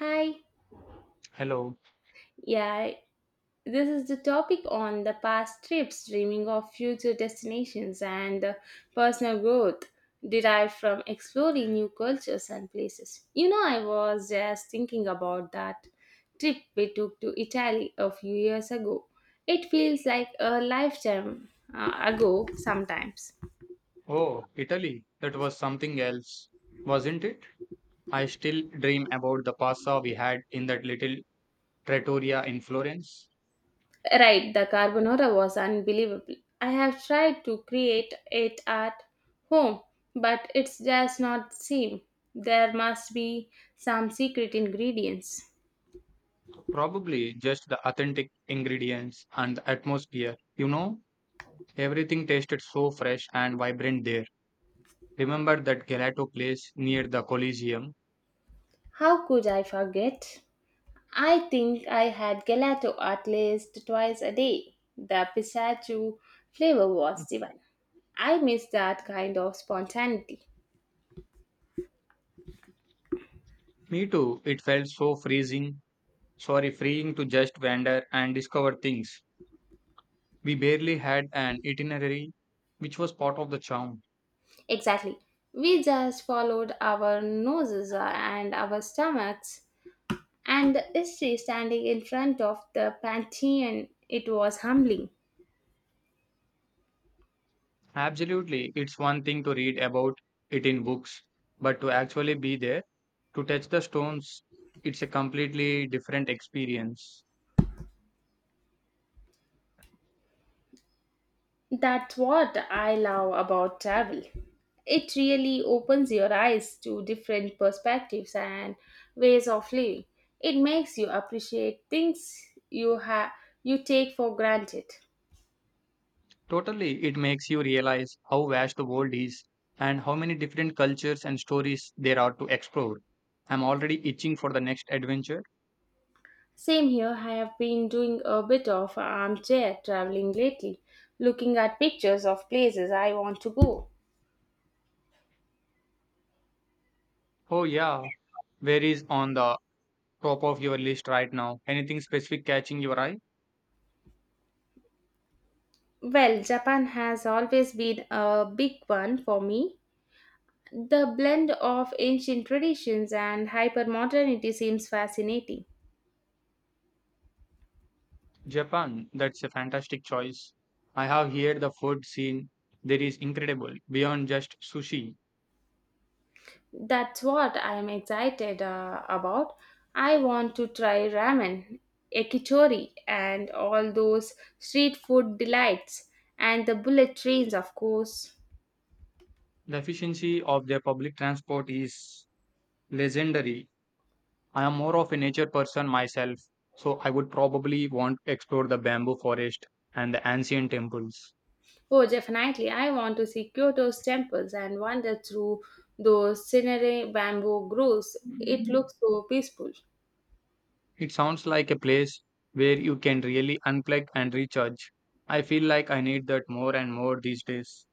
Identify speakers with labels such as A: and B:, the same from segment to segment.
A: Hi.
B: Hello.
A: Yeah, this is the topic on the past trips, dreaming of future destinations, and the personal growth derived from exploring new cultures and places. You know, I was just thinking about that trip we took to Italy a few years ago. It feels like a lifetime ago sometimes.
B: Oh, Italy. That was something else, wasn't it? I still dream about the pasta we had in that little trattoria in Florence.
A: Right, the carbonara was unbelievable. I have tried to create it at home, but it does not seem. There must be some secret ingredients.
B: Probably just the authentic ingredients and the atmosphere. You know, everything tasted so fresh and vibrant there. Remember that gelato place near the Colosseum?
A: How could I forget? I think I had gelato at least twice a day. The pistachio flavor was divine. I miss that kind of spontaneity.
B: Me too. It felt so freezing, sorry, freeing to just wander and discover things. We barely had an itinerary, which was part of the charm.
A: Exactly. We just followed our noses and our stomachs and is she standing in front of the Pantheon? It was humbling.
B: Absolutely. It's one thing to read about it in books, but to actually be there, to touch the stones, it's a completely different experience.
A: That's what I love about travel. It really opens your eyes to different perspectives and ways of living. It makes you appreciate things you have you take for granted.
B: Totally, it makes you realize how vast the world is and how many different cultures and stories there are to explore. I'm already itching for the next adventure.
A: Same here, I have been doing a bit of armchair traveling lately, looking at pictures of places I want to go.
B: Oh, yeah. Where is on the top of your list right now? Anything specific catching your eye?
A: Well, Japan has always been a big one for me. The blend of ancient traditions and hypermodernity seems fascinating.
B: Japan, that's a fantastic choice. I have here the food scene. There is incredible beyond just sushi.
A: That's what I'm excited about. I want to try ramen, yakitori, and all those street food delights, and the bullet trains, of course.
B: The efficiency of their public transport is legendary. I am more of a nature person myself, so I would probably want to explore the bamboo forest and the ancient temples.
A: Oh, definitely. I want to see Kyoto's temples and wander through those scenery bamboo groves. It looks so peaceful.
B: It sounds like a place where you can really unplug and recharge. I feel like I need that more and more these days.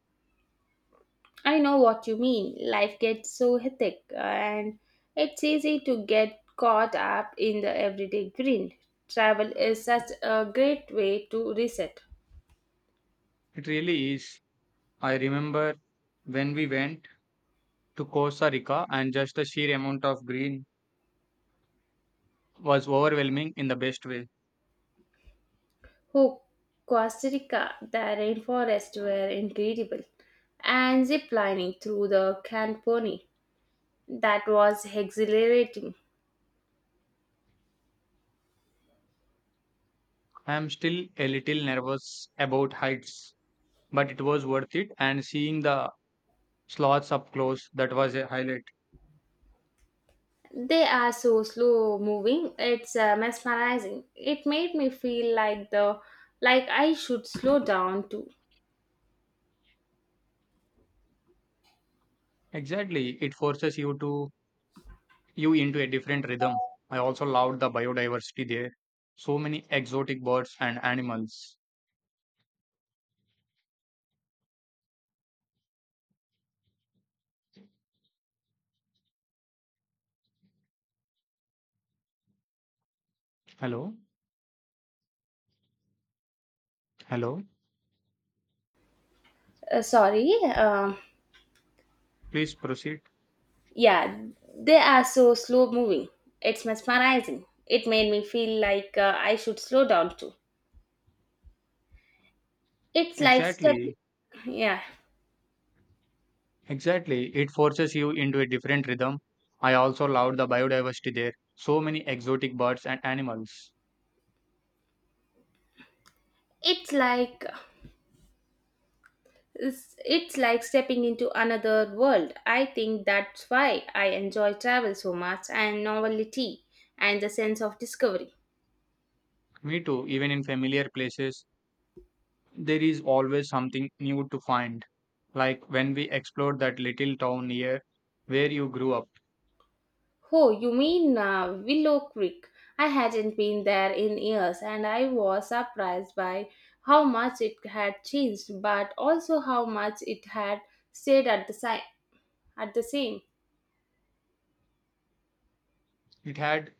A: I know what you mean. Life gets so hectic, and it's easy to get caught up in the everyday grind. Travel is such a great way to reset.
B: It really is. I remember when we went to Costa Rica, and just the sheer amount of green was overwhelming in the best way.
A: Oh, Costa Rica, the rainforests were incredible, and zip lining through the Camponi. That was exhilarating.
B: I am still a little nervous about heights, but it was worth it, and seeing the sloths up close, that was a highlight.
A: They are so slow moving, it's mesmerizing. It made me feel like the like I should slow down too.
B: Exactly, it forces you to you into a different rhythm. I also loved the biodiversity there. So many exotic birds and animals. Hello, hello.
A: Sorry, um
B: Please proceed.
A: Yeah, they are so slow moving. It's mesmerizing. It made me feel like I should slow down too. It's like stepping.
B: Exactly.
A: Yeah,
B: Exactly, it forces you into a different rhythm. I also loved the biodiversity there. So many exotic birds and animals.
A: it's like it's like stepping into another world. I think that's why I enjoy travel so much and novelty and the sense of discovery.
B: Me too, even in familiar places, there is always something new to find. Like when we explored that little town near where you grew up,
A: Oh, you mean Willow Creek? I hadn't been there in years and I was surprised by how much it had changed, but also how much it had stayed at the, at the same.
B: it had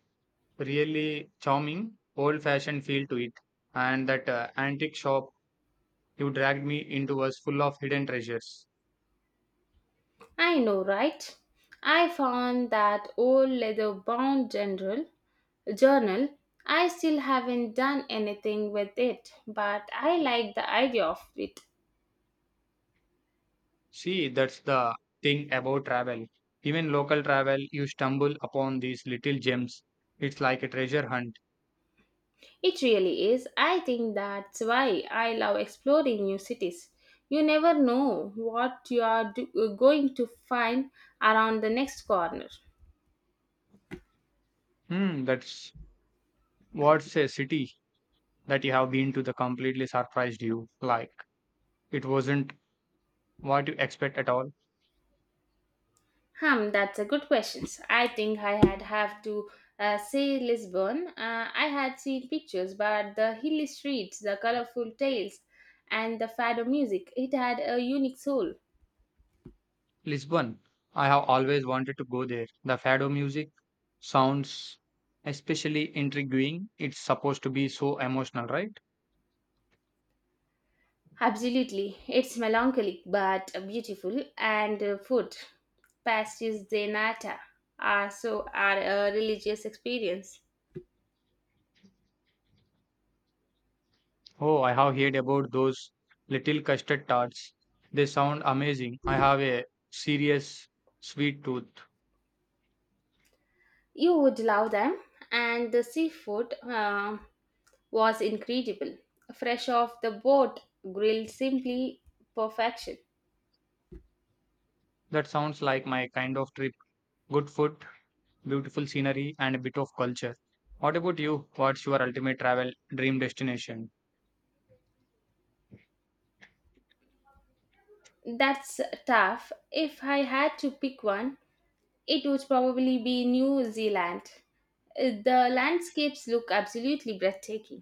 B: really charming, old fashioned feel to it, and that antique shop you dragged me into was full of hidden treasures.
A: I know, right? I found that old leather bound journal. I still haven't done anything with it, but I like the idea of it.
B: See, that's the thing about travel. Even local travel, you stumble upon these little gems. It's like a treasure hunt.
A: It really is. I think that's why I love exploring new cities. You never know what you are going to find around the next corner.
B: Hmm, that's what's a city that you have been to that completely surprised you. Like, it wasn't what you expect at all.
A: Hmm, that's a good question. I think I had have to say Lisbon. I had seen pictures, but the hilly streets, the colorful tales, and the fado music, it had a unique soul.
B: Lisbon, I have always wanted to go there. The fado music sounds especially intriguing. It's supposed to be so emotional, right?
A: Absolutely. It's melancholic but beautiful, and food, pastis de nata, are so are a religious experience.
B: Oh, I have heard about those little custard tarts. They sound amazing. I have a serious sweet tooth.
A: You would love them, and the seafood was incredible. Fresh off the boat, grilled simply perfection.
B: That sounds like my kind of trip. Good food, beautiful scenery, and a bit of culture. What about you? What's your ultimate travel dream destination?
A: That's tough. If I had to pick one, it would probably be New Zealand. The landscapes look absolutely breathtaking.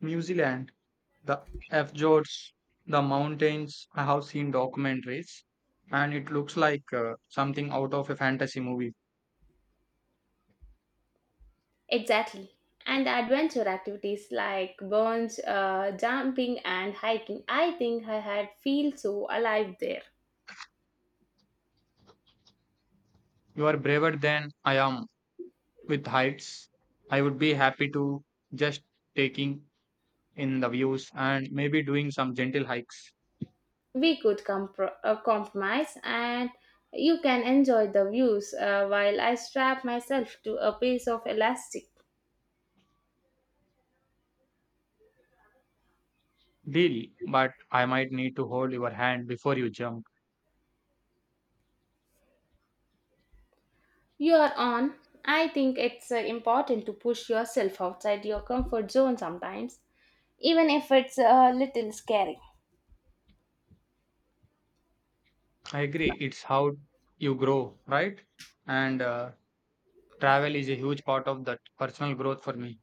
B: New Zealand, the fjords, the mountains. I have seen documentaries, and it looks like something out of a fantasy movie.
A: Exactly. And the adventure activities like burns, jumping and hiking. I think I had feel so alive there.
B: You are braver than I am. With heights, I would be happy to just taking in the views and maybe doing some gentle hikes.
A: We could compromise and you can enjoy the views while I strap myself to a piece of elastic.
B: Deal, but I might need to hold your hand before you jump.
A: You are on. I think it's important to push yourself outside your comfort zone sometimes. Even if it's a little scary.
B: I agree, it's how you grow, right? And travel is a huge part of that personal growth for me.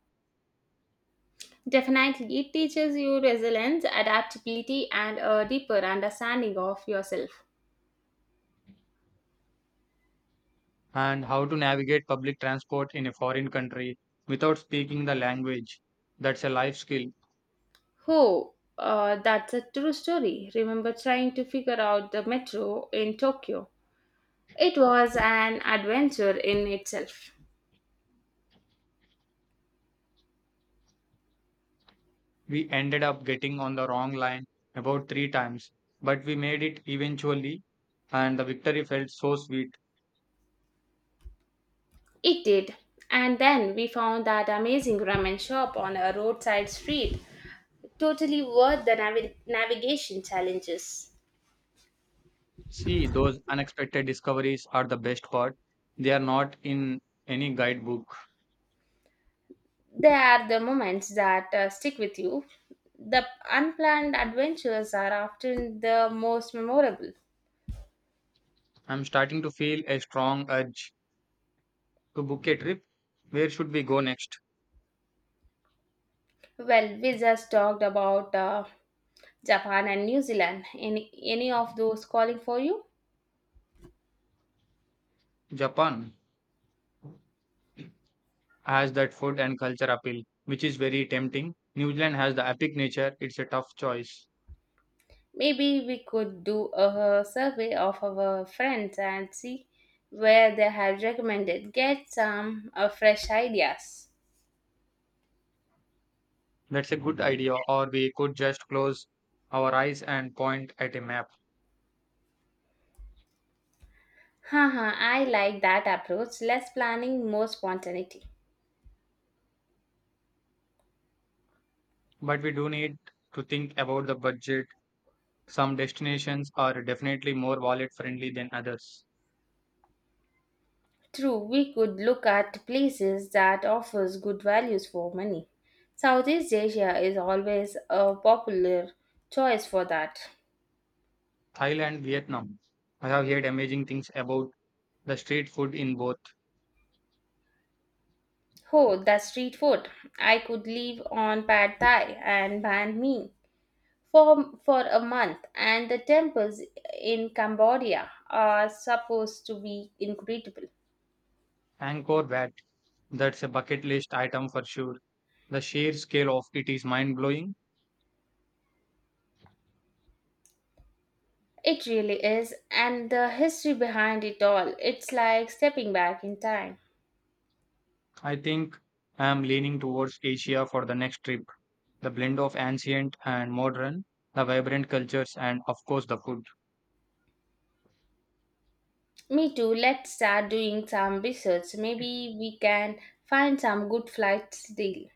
A: Definitely, it teaches you resilience, adaptability, and a deeper understanding of yourself.
B: And how to navigate public transport in a foreign country without speaking the language. That's a life skill.
A: Oh, that's a true story. Remember trying to figure out the metro in Tokyo? It was an adventure in itself.
B: We ended up getting on the wrong line about 3 times, but we made it eventually, and the victory felt so sweet.
A: It did. And then we found that amazing ramen shop on a roadside street, totally worth the navigation challenges.
B: See, those unexpected discoveries are the best part. They are not in any guidebook.
A: They are the moments that stick with you. The unplanned adventures are often the most memorable.
B: I'm starting to feel a strong urge to book a trip. Where should we go next?
A: Well, we just talked about Japan and New Zealand. Any of those calling for you?
B: Japan has that food and culture appeal, which is very tempting. New Zealand has the epic nature. It's a tough choice.
A: Maybe we could do a survey of our friends and see where they have recommended. Get some fresh ideas.
B: That's a good idea, or we could just close our eyes and point at a map.
A: Haha, I like that approach. Less planning, more spontaneity.
B: But we do need to think about the budget. Some destinations are definitely more wallet friendly than others.
A: True, we could look at places that offers good values for money. Southeast Asia is always a popular choice for that.
B: Thailand, Vietnam. I have heard amazing things about the street food in both.
A: Oh, the street food. I could live on pad thai and banh mi for a month and the temples in Cambodia are supposed to be incredible.
B: Angkor Wat, that's a bucket list item for sure. The sheer scale of it is mind blowing.
A: It really is and the history behind it all. It's like stepping back in time.
B: I think I am leaning towards Asia for the next trip. The blend of ancient and modern, the vibrant cultures, and of course the food.
A: Me too. Let's start doing some research. Maybe we can find some good flights deal.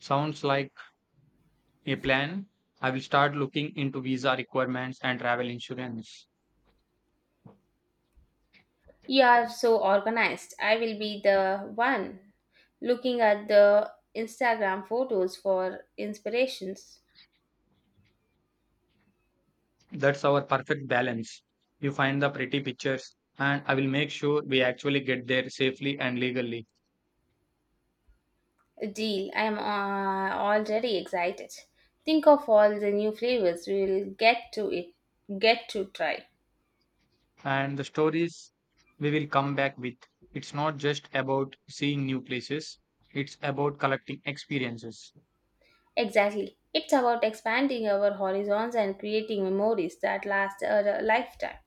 B: Sounds like a plan. I will start looking into visa requirements and travel insurance.
A: You are so organized. I will be the one looking at the Instagram photos for inspirations.
B: That's our perfect balance. You find the pretty pictures, and I will make sure we actually get there safely and legally.
A: Deal. I am already excited. Think of all the new flavors we will get to try.
B: And the stories we will come back with. It's not just about seeing new places, it's about collecting experiences.
A: Exactly. It's about expanding our horizons and creating memories that last a lifetime.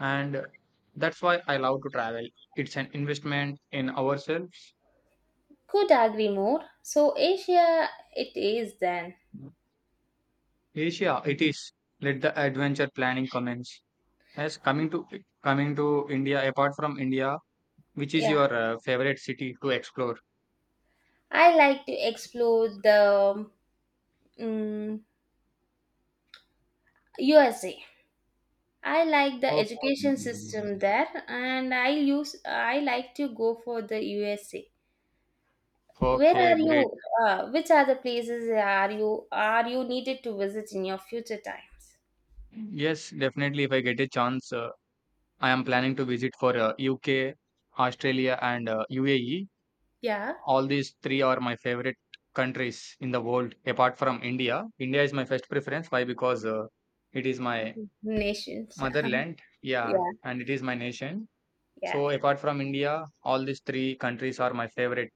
B: And that's why I love to travel. It's an investment in ourselves.
A: Could agree more. So Asia it is then.
B: Asia, it is. Let the adventure planning commence. As coming to India, apart from India, which is
A: Yeah.
B: your favorite city to explore?
A: I like to explore the mm USA. I like the
B: Oh,
A: education system there and I like to go for the USA. Where are
B: okay, great.
A: you which other places are you needed to visit in your future times?
B: Yes, definitely. If I get a chance, I am planning to visit for UK, Australia, and UAE.
A: Yeah.
B: All these three are my favorite countries in the world, apart from India. India is my first preference. Why? Because it is my
A: Nations.
B: motherland. Yeah,
A: Yeah.
B: and it is my nation.
A: Yeah.
B: So apart from India, all these three countries are my favorite.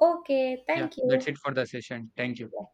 A: Okay,
B: Yeah,
A: thank you.
B: that's it for the session. Thank you.
A: Yeah.